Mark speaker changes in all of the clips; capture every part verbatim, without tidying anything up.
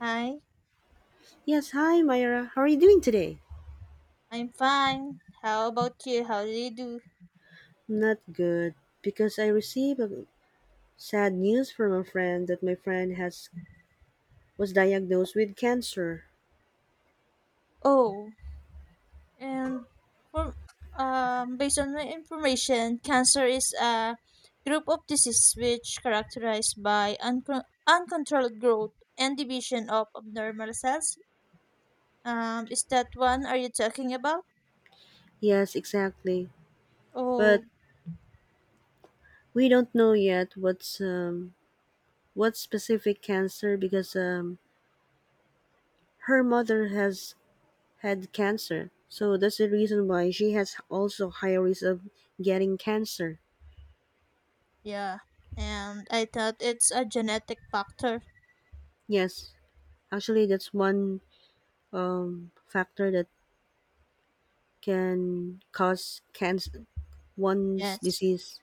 Speaker 1: Hi,
Speaker 2: Yes, hi Myra. How are you doing today?
Speaker 1: I'm fine. How about you? How do you do?
Speaker 2: Not good because I received a sad news from a friend that my friend has was diagnosed with cancer.
Speaker 1: Oh, and for um, based on my information, cancer is a group of diseases which characterized by uncon uncontrolled growth and division of abnormal cells. Um, is that one are you talking about?
Speaker 2: Yes, exactly.
Speaker 1: Oh,
Speaker 2: But we don't know yet what's um what specific cancer because um her mother has had cancer. So that's the reason why she has also high risk of getting cancer.
Speaker 1: yeah. And I thought it's a genetic factor.
Speaker 2: Yes, actually that's one um factor that can cause cancer, one's
Speaker 1: Yes.
Speaker 2: disease.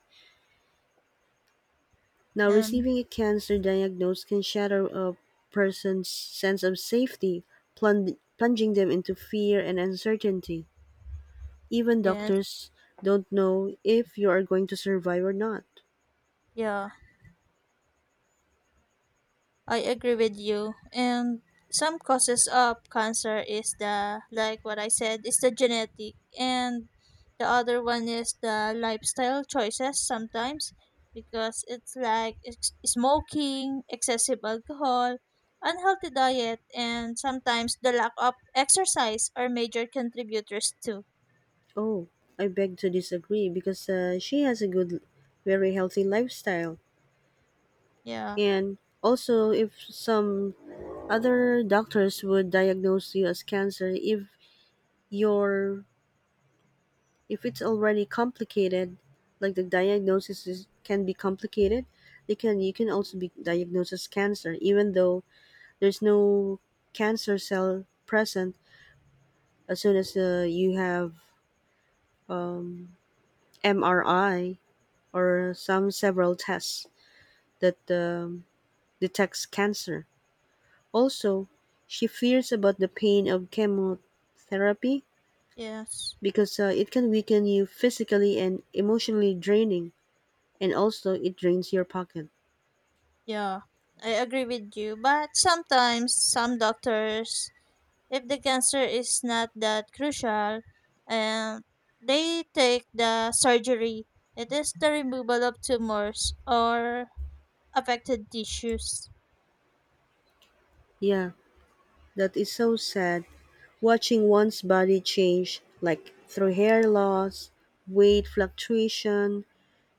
Speaker 2: Now,
Speaker 1: And
Speaker 2: receiving a cancer diagnosis can shatter a person's sense of safety, plung- plunging them into fear and uncertainty. Even
Speaker 1: yes,
Speaker 2: doctors don't know if you are going to survive or not.
Speaker 1: yeah, I agree with you. And some causes of cancer is the like what I said is the genetic and the other one is the lifestyle choices sometimes because it's like ex- smoking, excessive alcohol, unhealthy diet and sometimes the lack of exercise are major contributors too.
Speaker 2: Oh, I beg to disagree because uh, she has a good, very healthy lifestyle.
Speaker 1: Yeah.
Speaker 2: And also, if some other doctors would diagnose you as cancer, if your if it's already complicated, like the diagnosis is, can be complicated, they can you can also be diagnosed as cancer, even though there's no cancer cell present. As soon as uh, you have um, M R I or some several tests that um, detects cancer. Also, she fears about the pain of chemotherapy
Speaker 1: Yes.
Speaker 2: because uh, it can weaken you physically and emotionally draining, and also it drains your pocket.
Speaker 1: Yeah, I agree with you, but sometimes some doctors, if the cancer is not that crucial and they take the surgery, it is the removal of tumors or affected tissues.
Speaker 2: Yeah, that is so sad. Watching one's body change, like through hair loss, weight fluctuation,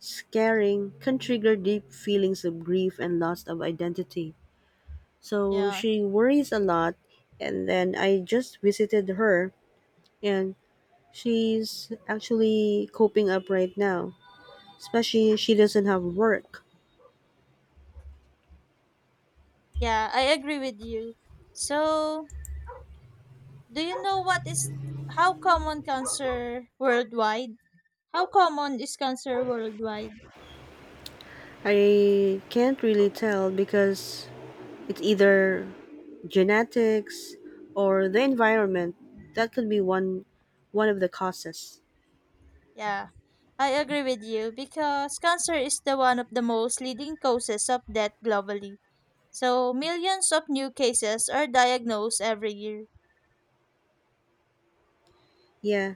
Speaker 2: scarring, can trigger deep feelings of grief and loss of identity. So
Speaker 1: Yeah.
Speaker 2: she worries a lot, and then I just visited her, and she's actually coping up right now, especially she doesn't have work.
Speaker 1: Yeah, I agree with you. So, do you know what is how common cancer worldwide? How common is cancer worldwide?
Speaker 2: I can't really tell because it's either genetics or the environment. That could be one one of the causes.
Speaker 1: Yeah, I agree with you because cancer is the one of the most leading causes of death globally. So millions of new cases are diagnosed every year.
Speaker 2: Yeah.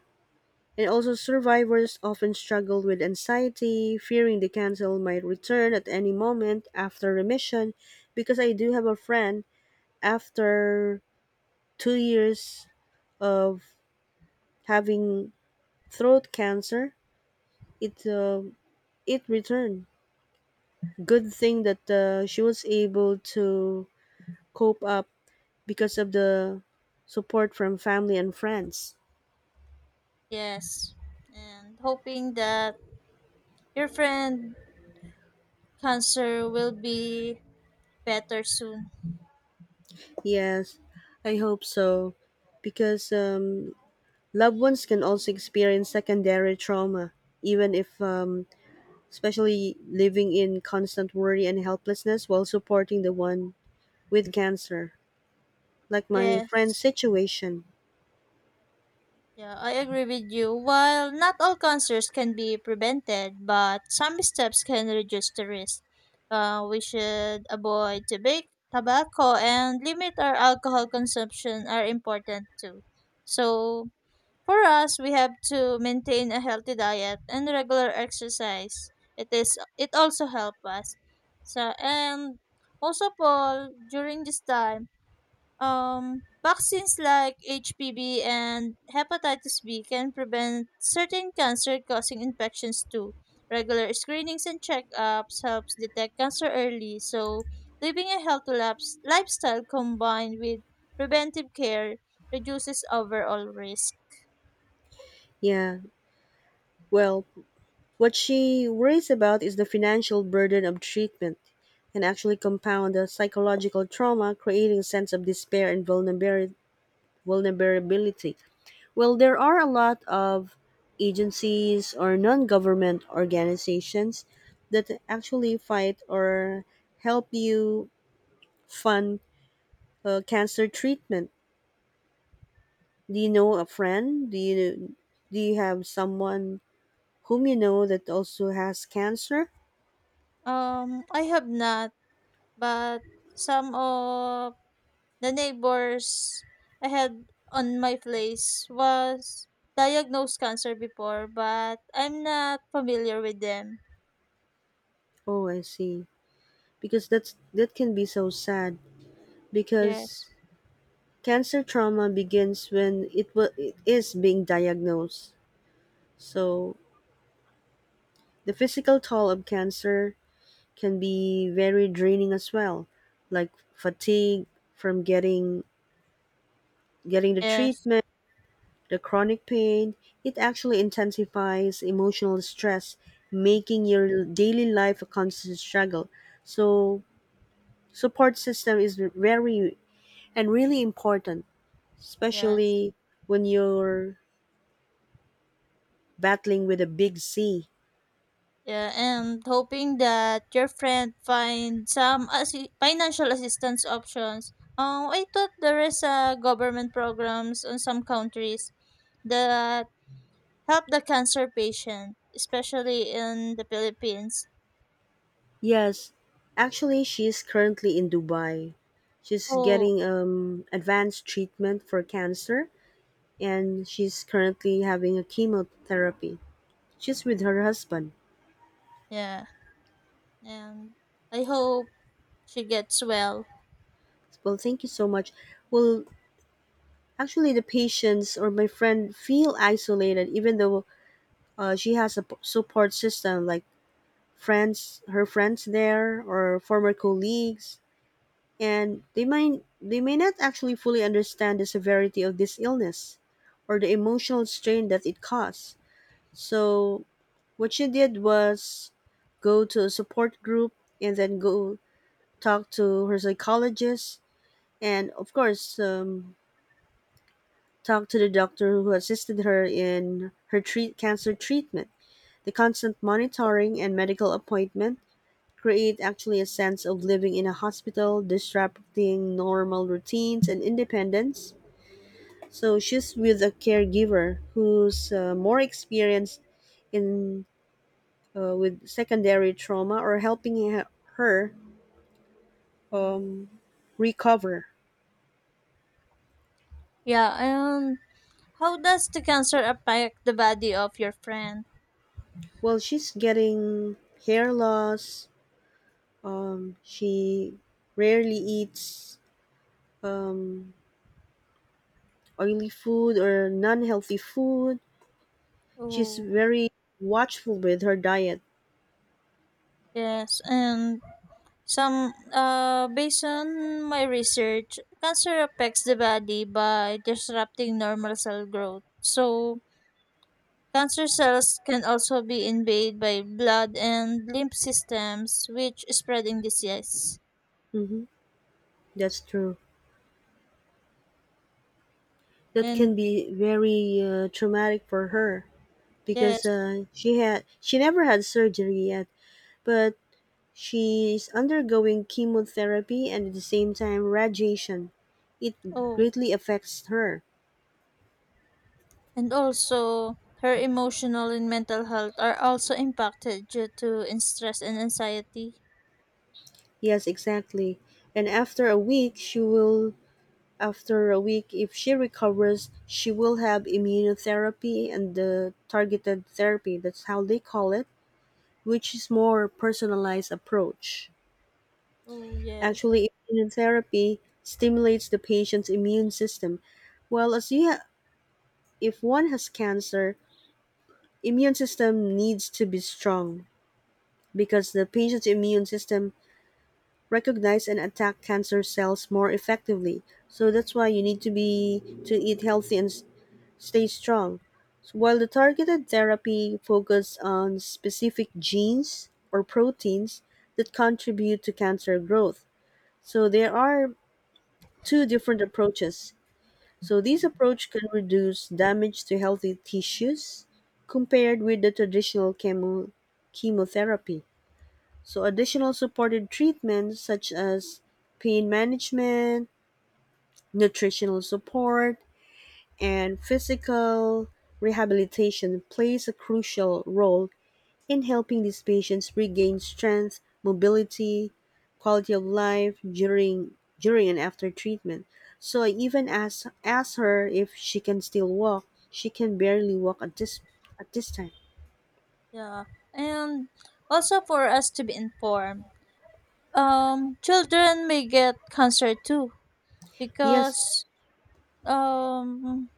Speaker 2: And also survivors often struggle with anxiety, fearing the cancer might return at any moment after remission, because I do have a friend, after two years of having throat cancer, it uh, it returned. Good thing that uh, she was able to cope up because of the support from family and friends.
Speaker 1: Yes. And hoping that your friend cancer will be better soon.
Speaker 2: Yes, I hope so. Because um, loved ones can also experience secondary trauma, even if, um, especially living in constant worry and helplessness while supporting the one with cancer, like my friend's
Speaker 1: Yes.
Speaker 2: situation.
Speaker 1: Yeah, I agree with you. While not all cancers can be prevented, but some steps can reduce the risk. Uh, we should avoid tobacco, tobacco and limit our alcohol consumption are important too. So for us, we have to maintain a healthy diet and regular exercise. It is it also help us. So and also Paul, during this time um, vaccines like H P V and hepatitis B can prevent certain cancer-causing infections too. Regular screenings and checkups helps detect cancer early, so living a healthy laps- lifestyle combined with preventive care reduces overall risk.
Speaker 2: Yeah, well, what she worries about is the financial burden of treatment can actually compound the psychological trauma, creating a sense of despair and vulnerabili- vulnerability. Well, there are a lot of agencies or non government organizations that actually fight or help you fund uh, cancer treatment. Do you know a friend? Do you do you have someone whom you know that also has cancer?
Speaker 1: Um, I have not, but some of the neighbors I had on my place was diagnosed cancer before, but I'm not familiar with them.
Speaker 2: Oh, I see. Because that's that can be so sad
Speaker 1: Yes.
Speaker 2: because cancer trauma begins when it, wa it is being diagnosed. So, the physical toll of cancer can be very draining as well, like fatigue from getting getting the
Speaker 1: Yes,
Speaker 2: treatment, the chronic pain. It actually intensifies emotional stress, making your daily life a constant struggle. So, support system is very and really important,
Speaker 1: yes.
Speaker 2: especially when you're battling with a big C.
Speaker 1: Yeah, and hoping that your friend find some assi- financial assistance options. Um, I thought there is a government programs in some countries that help the cancer patient, especially in the Philippines.
Speaker 2: Yes, actually, she's currently in Dubai. She's
Speaker 1: Oh,
Speaker 2: getting um, advanced treatment for cancer, and she's currently having a chemotherapy. She's with her husband.
Speaker 1: yeah. And I hope she gets well.
Speaker 2: Well, thank you so much. Well, actually, the patients or my friend feel isolated, even though uh, she has a p- support system like friends, her friends there, or former colleagues, and they might they may not actually fully understand the severity of this illness or the emotional strain that it caused. So what she did was go to a support group and then go talk to her psychologist and of course um, talk to the doctor who assisted her in her treat cancer treatment. The constant monitoring and medical appointment create actually a sense of living in a hospital, disrupting normal routines and independence. So she's with a caregiver who's uh, more experienced in uh, with secondary trauma or helping he- her um, recover.
Speaker 1: Yeah, and how does the cancer affect the body of your friend?
Speaker 2: Well, she's getting hair loss. Um, she rarely eats um, oily food or non-healthy food. She's
Speaker 1: Oh,
Speaker 2: very watchful with her diet.
Speaker 1: yes, and some uh based on my research, cancer affects the body by disrupting normal cell growth. So cancer cells can also be invaded by blood and lymph systems which is spreading disease.
Speaker 2: hmm That's true. That
Speaker 1: And
Speaker 2: can be very uh, traumatic for her, because
Speaker 1: yes,
Speaker 2: uh, she had she never had surgery yet, but she's undergoing chemotherapy and at the same time radiation. It
Speaker 1: oh
Speaker 2: greatly affects her.
Speaker 1: and also her emotional and mental health are also impacted due to in- stress and anxiety.
Speaker 2: Yes, exactly. And after a week, she will after a week if she recovers, she will have immunotherapy and the targeted therapy. That's how they call it, which is more personalized approach.
Speaker 1: Oh yes,
Speaker 2: Actually, immunotherapy stimulates the patient's immune system. Well, as you ha- if one has cancer, immune system needs to be strong because the patient's immune system recognize and attack cancer cells more effectively. So that's why you need to be to eat healthy and s- stay strong. So while the targeted therapy focuses on specific genes or proteins that contribute to cancer growth. So there are two different approaches. So this approach can reduce damage to healthy tissues compared with the traditional chemo- chemotherapy. So additional supported treatments such as pain management, nutritional support, and physical rehabilitation plays a crucial role in helping these patients regain strength, mobility, quality of life during during and after treatment. So I even asked asked her if she can still walk. She can barely walk at this at this time.
Speaker 1: yeah, and also for us to be informed. Um, children may get cancer too
Speaker 2: Yes,
Speaker 1: because um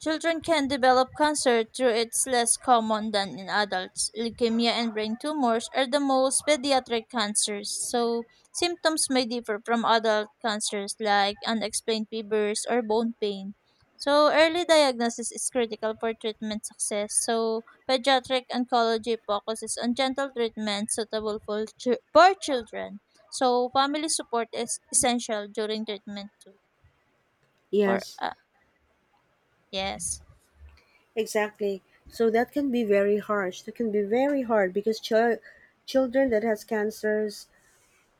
Speaker 1: children can develop cancer though it's less common than in adults. Leukemia and brain tumors are the most pediatric cancers, so symptoms may differ from adult cancers like unexplained fevers or bone pain. So early diagnosis is critical for treatment success. So pediatric oncology focuses on gentle treatment suitable for, chi- for children. So family support is essential during treatment too. For
Speaker 2: yes,
Speaker 1: uh, yes.
Speaker 2: exactly. So that can be very harsh. That can be very hard because ch- children that has cancers,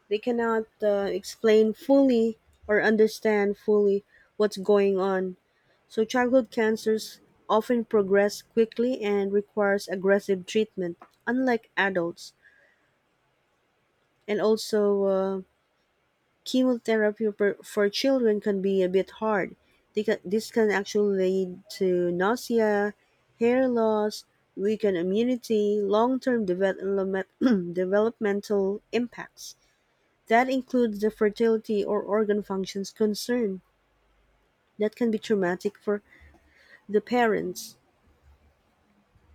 Speaker 2: they cannot uh, explain fully or understand fully what's going on. So childhood cancers often progress quickly and requires aggressive treatment, unlike adults. And also, uh, chemotherapy per- for children can be a bit hard. They can, this can actually lead to nausea, hair loss, weakened immunity, long-term development, developmental impacts. That includes the fertility or organ functions concern. That can be traumatic for the parents.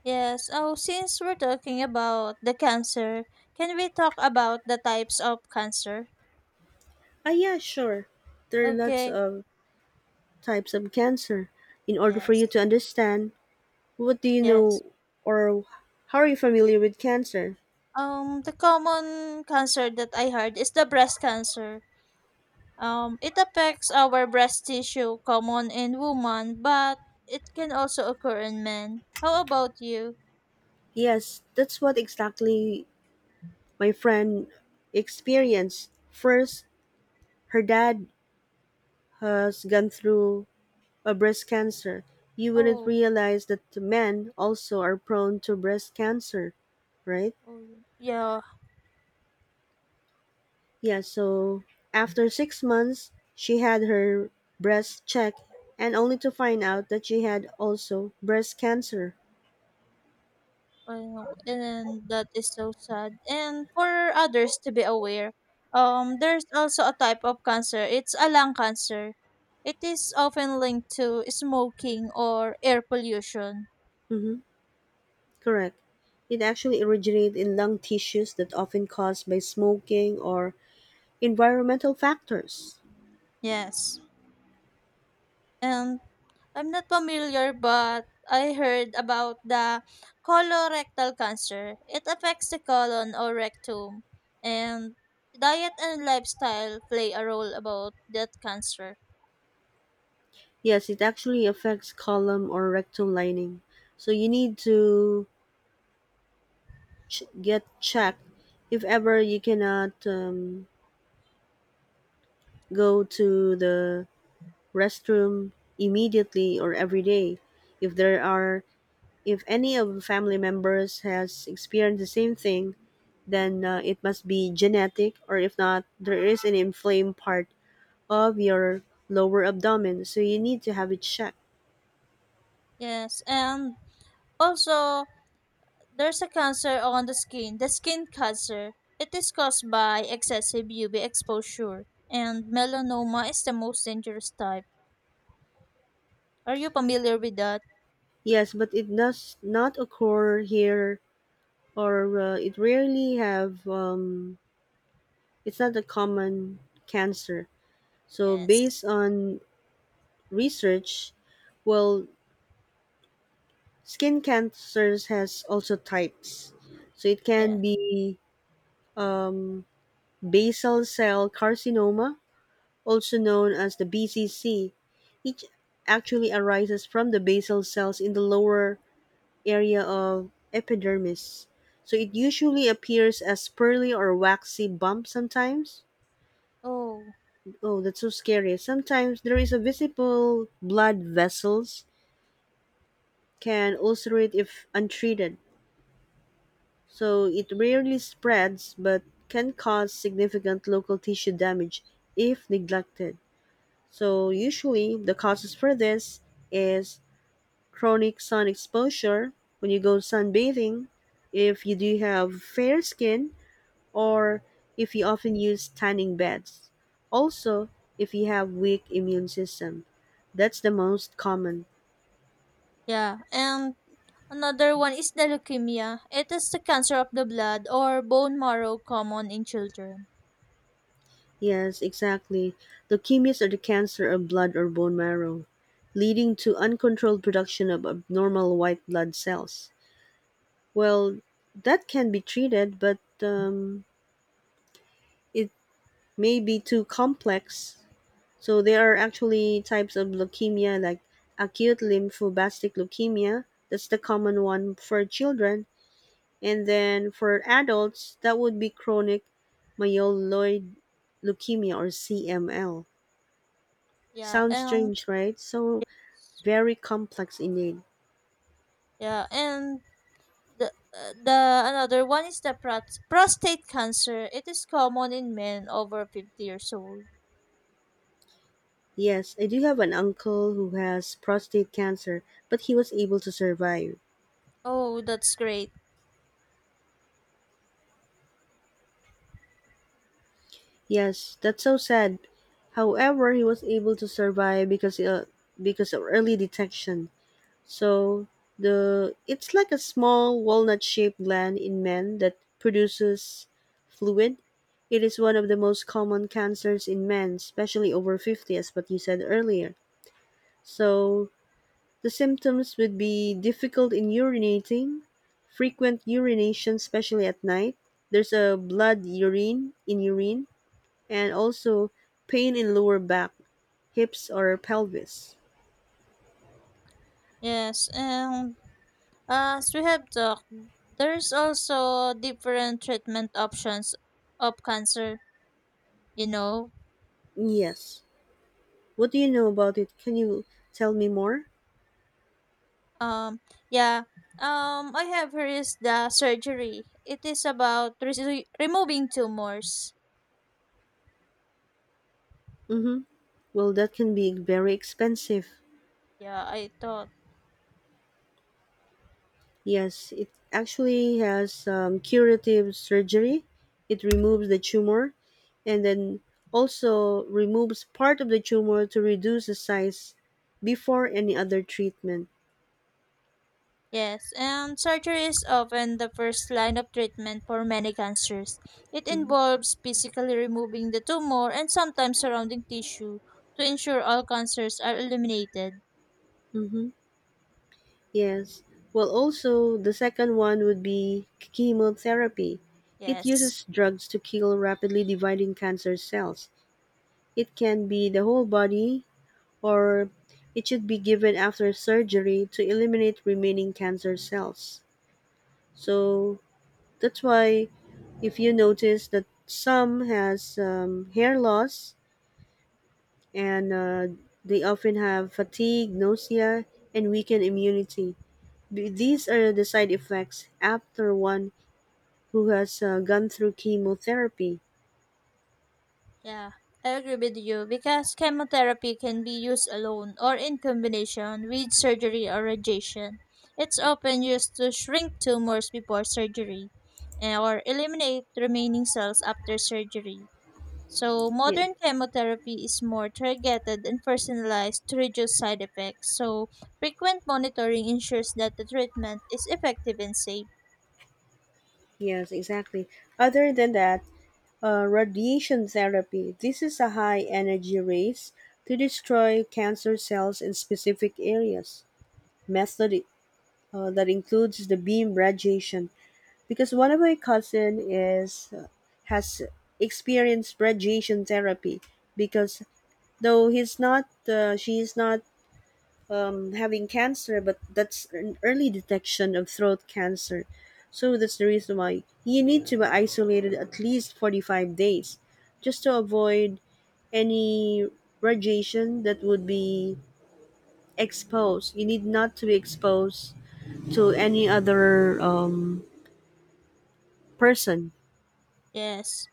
Speaker 1: Yes. Oh, since we're talking about the cancer, can we talk about the types of cancer?
Speaker 2: Ah, yeah, sure. There are lots
Speaker 1: Okay.
Speaker 2: of types of cancer. In order for you
Speaker 1: Yes.
Speaker 2: to understand, what do you
Speaker 1: Yes.
Speaker 2: know or how are you familiar with cancer?
Speaker 1: Um, the common cancer that I heard is the breast cancer. Um, it affects our breast tissue, common in women, but it can also occur in men. How about you?
Speaker 2: Yes, that's what exactly my friend experienced. First, her dad has gone through a breast cancer. You wouldn't
Speaker 1: Oh,
Speaker 2: realize that men also are prone to breast cancer, right?
Speaker 1: oh yeah.
Speaker 2: Yeah, so after six months, she had her breast checked, and only to find out that she had also breast cancer.
Speaker 1: Well, and that is so sad. And for others to be aware, um, there's also a type of cancer. It's a lung cancer. It is often linked to smoking or air pollution.
Speaker 2: Mm-hmm. Correct. It actually originated in lung tissues that often caused by smoking or environmental factors.
Speaker 1: Yes. And I'm not familiar, but I heard about the colorectal cancer. It affects the colon or rectum. And diet and lifestyle play a role about that cancer.
Speaker 2: Yes, it actually affects column or rectum lining. So you need to ch- get checked if ever you cannot um, go to the restroom immediately or every day. If there are, if any of family members has experienced the same thing, then uh, it must be genetic, or if not, there is an inflamed part of your lower abdomen, so you need to have it checked.
Speaker 1: Yes. And also, there's a cancer on the skin, the skin cancer. It is caused by excessive U V exposure, and melanoma is the most dangerous type. Are you familiar with that?
Speaker 2: Yes, but it does not occur here, or uh, it rarely have. Um, it's not a common cancer. So
Speaker 1: Yes.
Speaker 2: based on research, well, skin cancers has also types. So it
Speaker 1: Yeah.
Speaker 2: can be um, basal cell carcinoma, also known as the B C C. It actually arises from the basal cells in the lower area of epidermis. So it usually appears as pearly or waxy bump sometimes.
Speaker 1: Oh,
Speaker 2: Oh, that's so scary. Sometimes there is a visible blood vessels can ulcerate if untreated, so it rarely spreads but can cause significant local tissue damage if neglected. So usually the causes for this is chronic sun exposure when you go sunbathing, if you do have fair skin or if you often use tanning beds. Also, if you have weak immune system. That's the most common.
Speaker 1: yeah. And another one is the leukemia. It is the cancer of the blood or bone marrow common in children.
Speaker 2: Yes, exactly. Leukemias are the cancer of blood or bone marrow, leading to uncontrolled production of abnormal white blood cells. Well, that can be treated, but um, it may be too complex. So there are actually types of leukemia like acute lymphoblastic leukemia, that's the common one for children, and then for adults, that would be chronic myeloid leukemia or C M L.
Speaker 1: Yeah,
Speaker 2: Sounds
Speaker 1: and
Speaker 2: strange, right? So very complex indeed.
Speaker 1: yeah, and the uh, the another one is the prat- prostate cancer. It is common in men over fifty years old.
Speaker 2: Yes, I do have an uncle who has prostate cancer, but he was able to survive.
Speaker 1: Oh, that's great.
Speaker 2: Yes, that's so sad. However, he was able to survive because uh, because of early detection. So the it's like a small walnut-shaped gland in men that produces fluid. It is one of the most common cancers in men, especially over fifty as what you said earlier. So the symptoms would be difficult in urinating, frequent urination especially at night, there's a blood urine in urine, and also pain in lower back, hips or pelvis.
Speaker 1: Yes, and uh, as we have talked, there's also different treatment options of cancer, you know.
Speaker 2: Yes. What do you know about it? Can you tell me more?
Speaker 1: Um yeah. Um I have here is the surgery. It is about re- removing tumors.
Speaker 2: Mhm. Well, that can be very expensive.
Speaker 1: Yeah, I thought.
Speaker 2: Yes, it actually has um, curative surgery. It removes the tumor and then also removes part of the tumor to reduce the size before any other treatment.
Speaker 1: Yes, and surgery is often the first line of treatment for many cancers. It involves physically removing the tumor and sometimes surrounding tissue to ensure all cancers are eliminated.
Speaker 2: Mm-hmm. Yes. Well, also, the second one would be chemotherapy. It
Speaker 1: Yes.
Speaker 2: uses drugs to kill rapidly dividing cancer cells. It can be the whole body, or it should be given after surgery to eliminate remaining cancer cells. So that's why if you notice that some has um, hair loss and uh, they often have fatigue, nausea, and weakened immunity. B- These are the side effects after one who has uh, gone through chemotherapy.
Speaker 1: Yeah, I agree with you because chemotherapy can be used alone or in combination with surgery or radiation. It's often used to shrink tumors before surgery eh, or eliminate remaining cells after surgery. So,
Speaker 2: Yeah,
Speaker 1: modern chemotherapy is more targeted and personalized to reduce side effects. So, frequent monitoring ensures that the treatment is effective and safe.
Speaker 2: yes, exactly. Other than that, uh, radiation therapy. This is a high energy rays to destroy cancer cells in specific areas. Method uh, that includes the beam radiation because one of my cousin is has experienced radiation therapy because though he's not uh, she is not um, having cancer, but that's an early detection of throat cancer. So that's the reason why you need to be isolated at least forty-five days, just to avoid any radiation that would be exposed you need not to be exposed to any other um, person.
Speaker 1: Yes.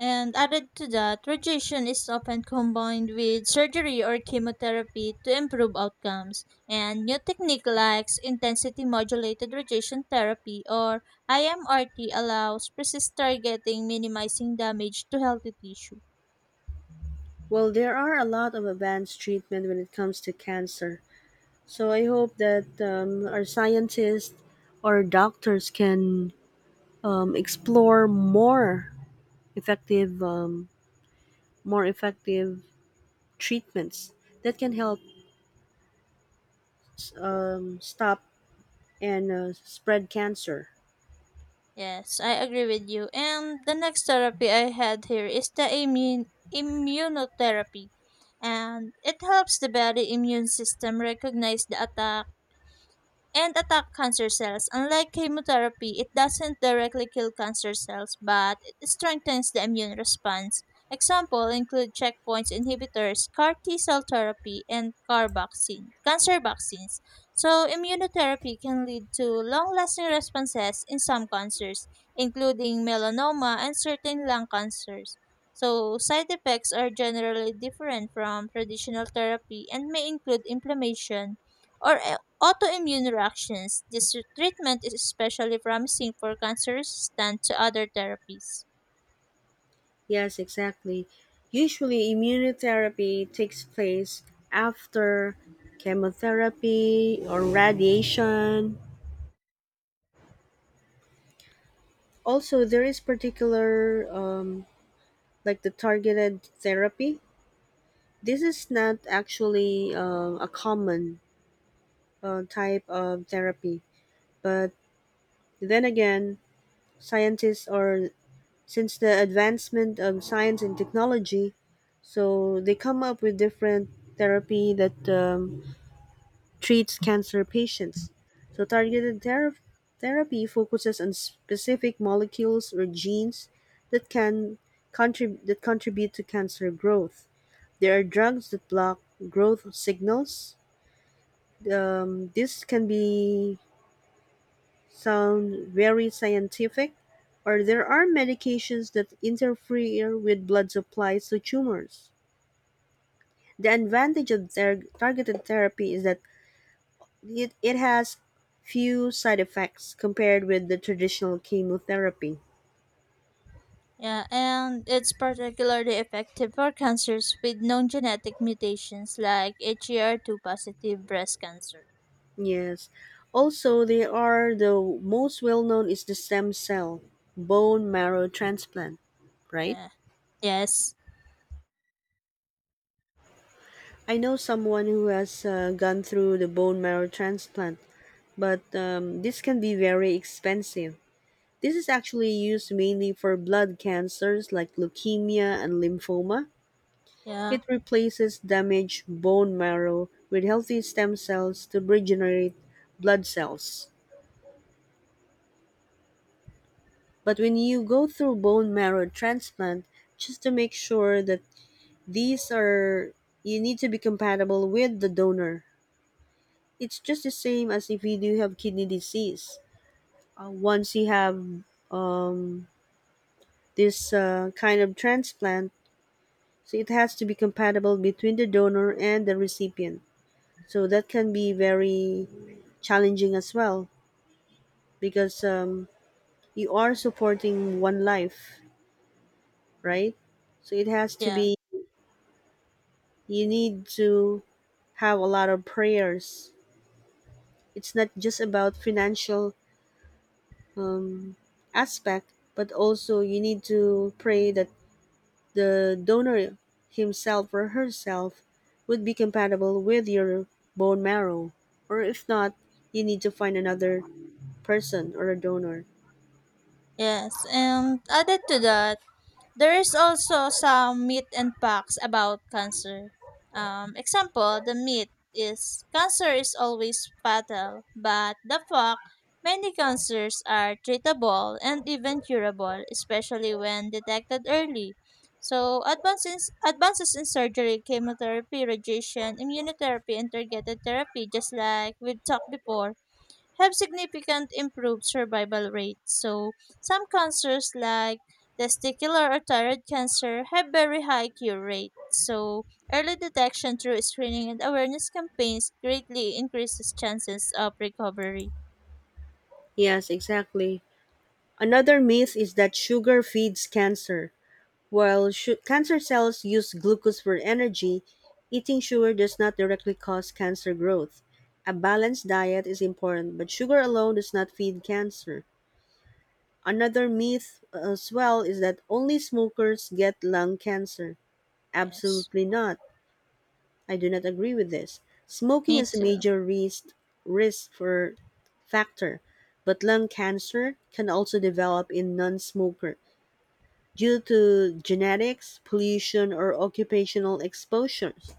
Speaker 1: And added to that, radiation is often combined with surgery or chemotherapy to improve outcomes. And new technique like intensity modulated radiation therapy or I M R T allows precise targeting minimizing damage to healthy tissue.
Speaker 2: Well, there are a lot of advanced treatment when it comes to cancer. So I hope that um, our scientists or doctors can um, explore more effective, um, more effective treatments that can help um, stop and uh, spread cancer.
Speaker 1: Yes, I agree with you. And the next therapy I had here is the immune immunotherapy. And it helps the body immune system recognize the attack and attack cancer cells. Unlike chemotherapy, it doesn't directly kill cancer cells, but it strengthens the immune response. Example include checkpoint inhibitors, CAR T cell therapy, and CAR vaccine, cancer vaccines. So immunotherapy can lead to long-lasting responses in some cancers, including melanoma and certain lung cancers. So side effects are generally different from traditional therapy and may include inflammation or autoimmune reactions. This treatment is especially promising for cancer resistant to other therapies.
Speaker 2: Yes, exactly. Usually, immunotherapy takes place after chemotherapy or radiation. Also, there is particular, um, like the targeted therapy. This is not actually um a common uh, type of therapy, but then again, scientists are, since the advancement of science and technology, so they come up with different therapy that um, treats cancer patients. So, targeted thera- therapy focuses on specific molecules or genes that can contrib- that contribute to cancer growth. There are drugs that block growth signals. Um, this can be sound very scientific, or there are medications that interfere with blood supplies to tumors. The advantage of ther- targeted therapy is that It, it has few side effects compared with the traditional chemotherapy.
Speaker 1: Yeah, and it's particularly effective for cancers with known genetic mutations like H E R two positive breast cancer.
Speaker 2: Yes. Also, they are the most well known is the stem cell bone marrow transplant, right?
Speaker 1: Yeah. Yes.
Speaker 2: I know someone who has uh, gone through the bone marrow transplant, but um, this can be very expensive. This is actually used mainly for blood cancers like leukemia and lymphoma.
Speaker 1: Yeah.
Speaker 2: It replaces damaged bone marrow with healthy stem cells to regenerate blood cells. But when you go through bone marrow transplant, just to make sure that these are you need to be compatible with the donor. It's just the same as if you do have kidney disease. Uh, once you have um, this uh, kind of transplant, so it has to be compatible between the donor and the recipient. So that can be very challenging as well because um, you are supporting one life, right? So it has to
Speaker 1: Yeah.
Speaker 2: be, you need to have a lot of prayers. It's not just about financial um, aspect, but also you need to pray that the donor himself or herself would be compatible with your bone marrow. Or if not, you need to find another person or a donor.
Speaker 1: Yes. And added to that, there is also some myth and facts about cancer. Um, example, the myth is cancer is always fatal, but the fact many cancers are treatable and even curable, especially when detected early. So advances advances in surgery, chemotherapy, radiation, immunotherapy, and targeted therapy, just like we talked before, have significant improved survival rates. So some cancers like testicular or thyroid cancer have very high cure rates. So early detection through screening and awareness campaigns greatly increases chances of recovery.
Speaker 2: Yes, exactly. Another myth is that sugar feeds cancer. While su- cancer cells use glucose for energy, eating sugar does not directly cause cancer growth. A balanced diet is important, but sugar alone does not feed cancer. Another myth uh, as well is that only smokers get lung cancer.
Speaker 1: Yes.
Speaker 2: Absolutely not. I do not agree with this. Smoking
Speaker 1: Me
Speaker 2: is a
Speaker 1: too.
Speaker 2: major risk risk for factor, but lung cancer can also develop in non-smoker due to genetics, pollution, or occupational exposures.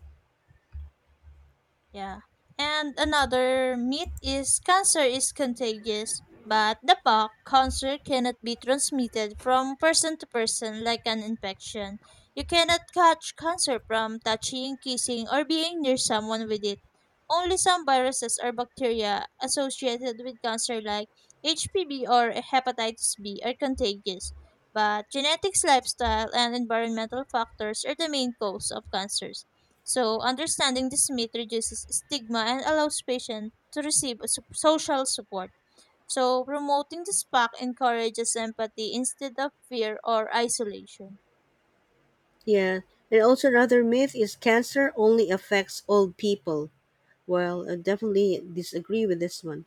Speaker 1: Yeah. And another myth is cancer is contagious, but the P O C cancer cannot be transmitted from person to person like an infection. You cannot catch cancer from touching, kissing, or being near someone with it. Only some viruses or bacteria associated with cancer like H P V or hepatitis B are contagious, but genetics, lifestyle, and environmental factors are the main cause of cancers. So, understanding this myth reduces stigma and allows patients to receive a sup- social support. So, promoting this pack encourages empathy instead of fear or isolation.
Speaker 2: Yeah, and also another myth is cancer only affects old people. Well, I definitely disagree with this one.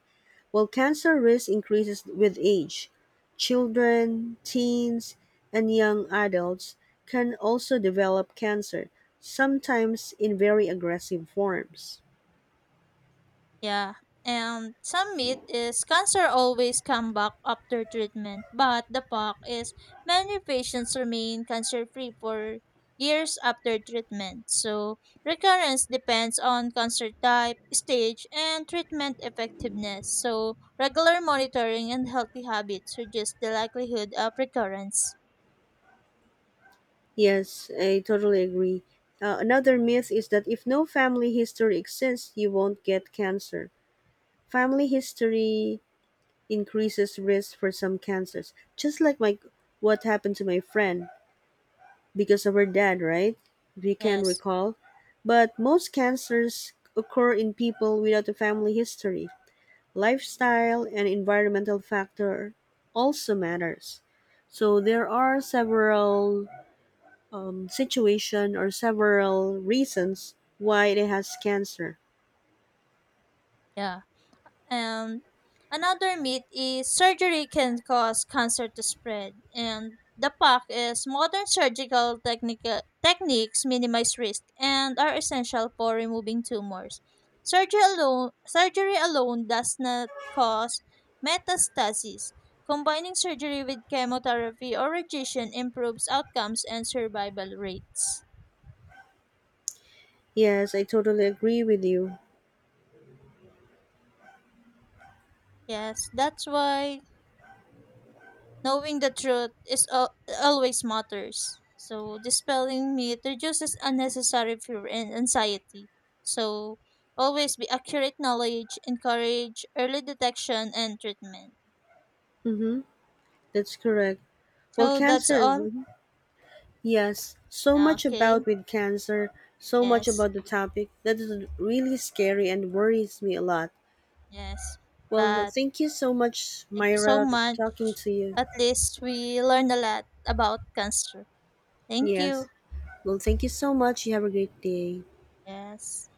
Speaker 2: Well, cancer risk increases with age. Children, teens, and young adults can also develop cancer, sometimes in very aggressive forms.
Speaker 1: Yeah. And some myth is cancer always come back after treatment, but the fact is many patients remain cancer free for years after treatment. So recurrence depends on cancer type, stage, and treatment effectiveness. So regular monitoring and healthy habits reduce the likelihood of recurrence.
Speaker 2: Yes, I totally agree. Uh, another myth is that if no family history exists, you won't get cancer. Family history increases risk for some cancers, just like my what happened to my friend, because of our dad, right? We can
Speaker 1: Yes.
Speaker 2: recall. But most cancers occur in people without a family history. Lifestyle and environmental factor also matters. So there are several um, situation or several reasons why it has cancer.
Speaker 1: Yeah. And another myth is surgery can cause cancer to spread. And the PAC is modern surgical technica- techniques minimize risk and are essential for removing tumors. Surgery alone, surgery alone does not cause metastasis. Combining surgery with chemotherapy or radiation improves outcomes and survival rates.
Speaker 2: Yes, I totally agree with you.
Speaker 1: Yes, that's why knowing the truth is al- always matters. So dispelling myth reduces unnecessary fear and anxiety. So always be accurate knowledge, encourage early detection and treatment.
Speaker 2: Mm-hmm. That's correct. Well,
Speaker 1: So that's
Speaker 2: cancer.
Speaker 1: all.
Speaker 2: Mm-hmm. Yes, so much about
Speaker 1: Okay.
Speaker 2: with cancer, so much
Speaker 1: Yes.
Speaker 2: about the topic that is really scary and worries me a lot.
Speaker 1: Yes.
Speaker 2: Well,
Speaker 1: But
Speaker 2: thank you so much,
Speaker 1: thank you so
Speaker 2: Myra,
Speaker 1: much.
Speaker 2: talking to you.
Speaker 1: At least we learned a lot about cancer. Thank you.
Speaker 2: Yes. Well, thank you so much. You have a great day.
Speaker 1: Yes.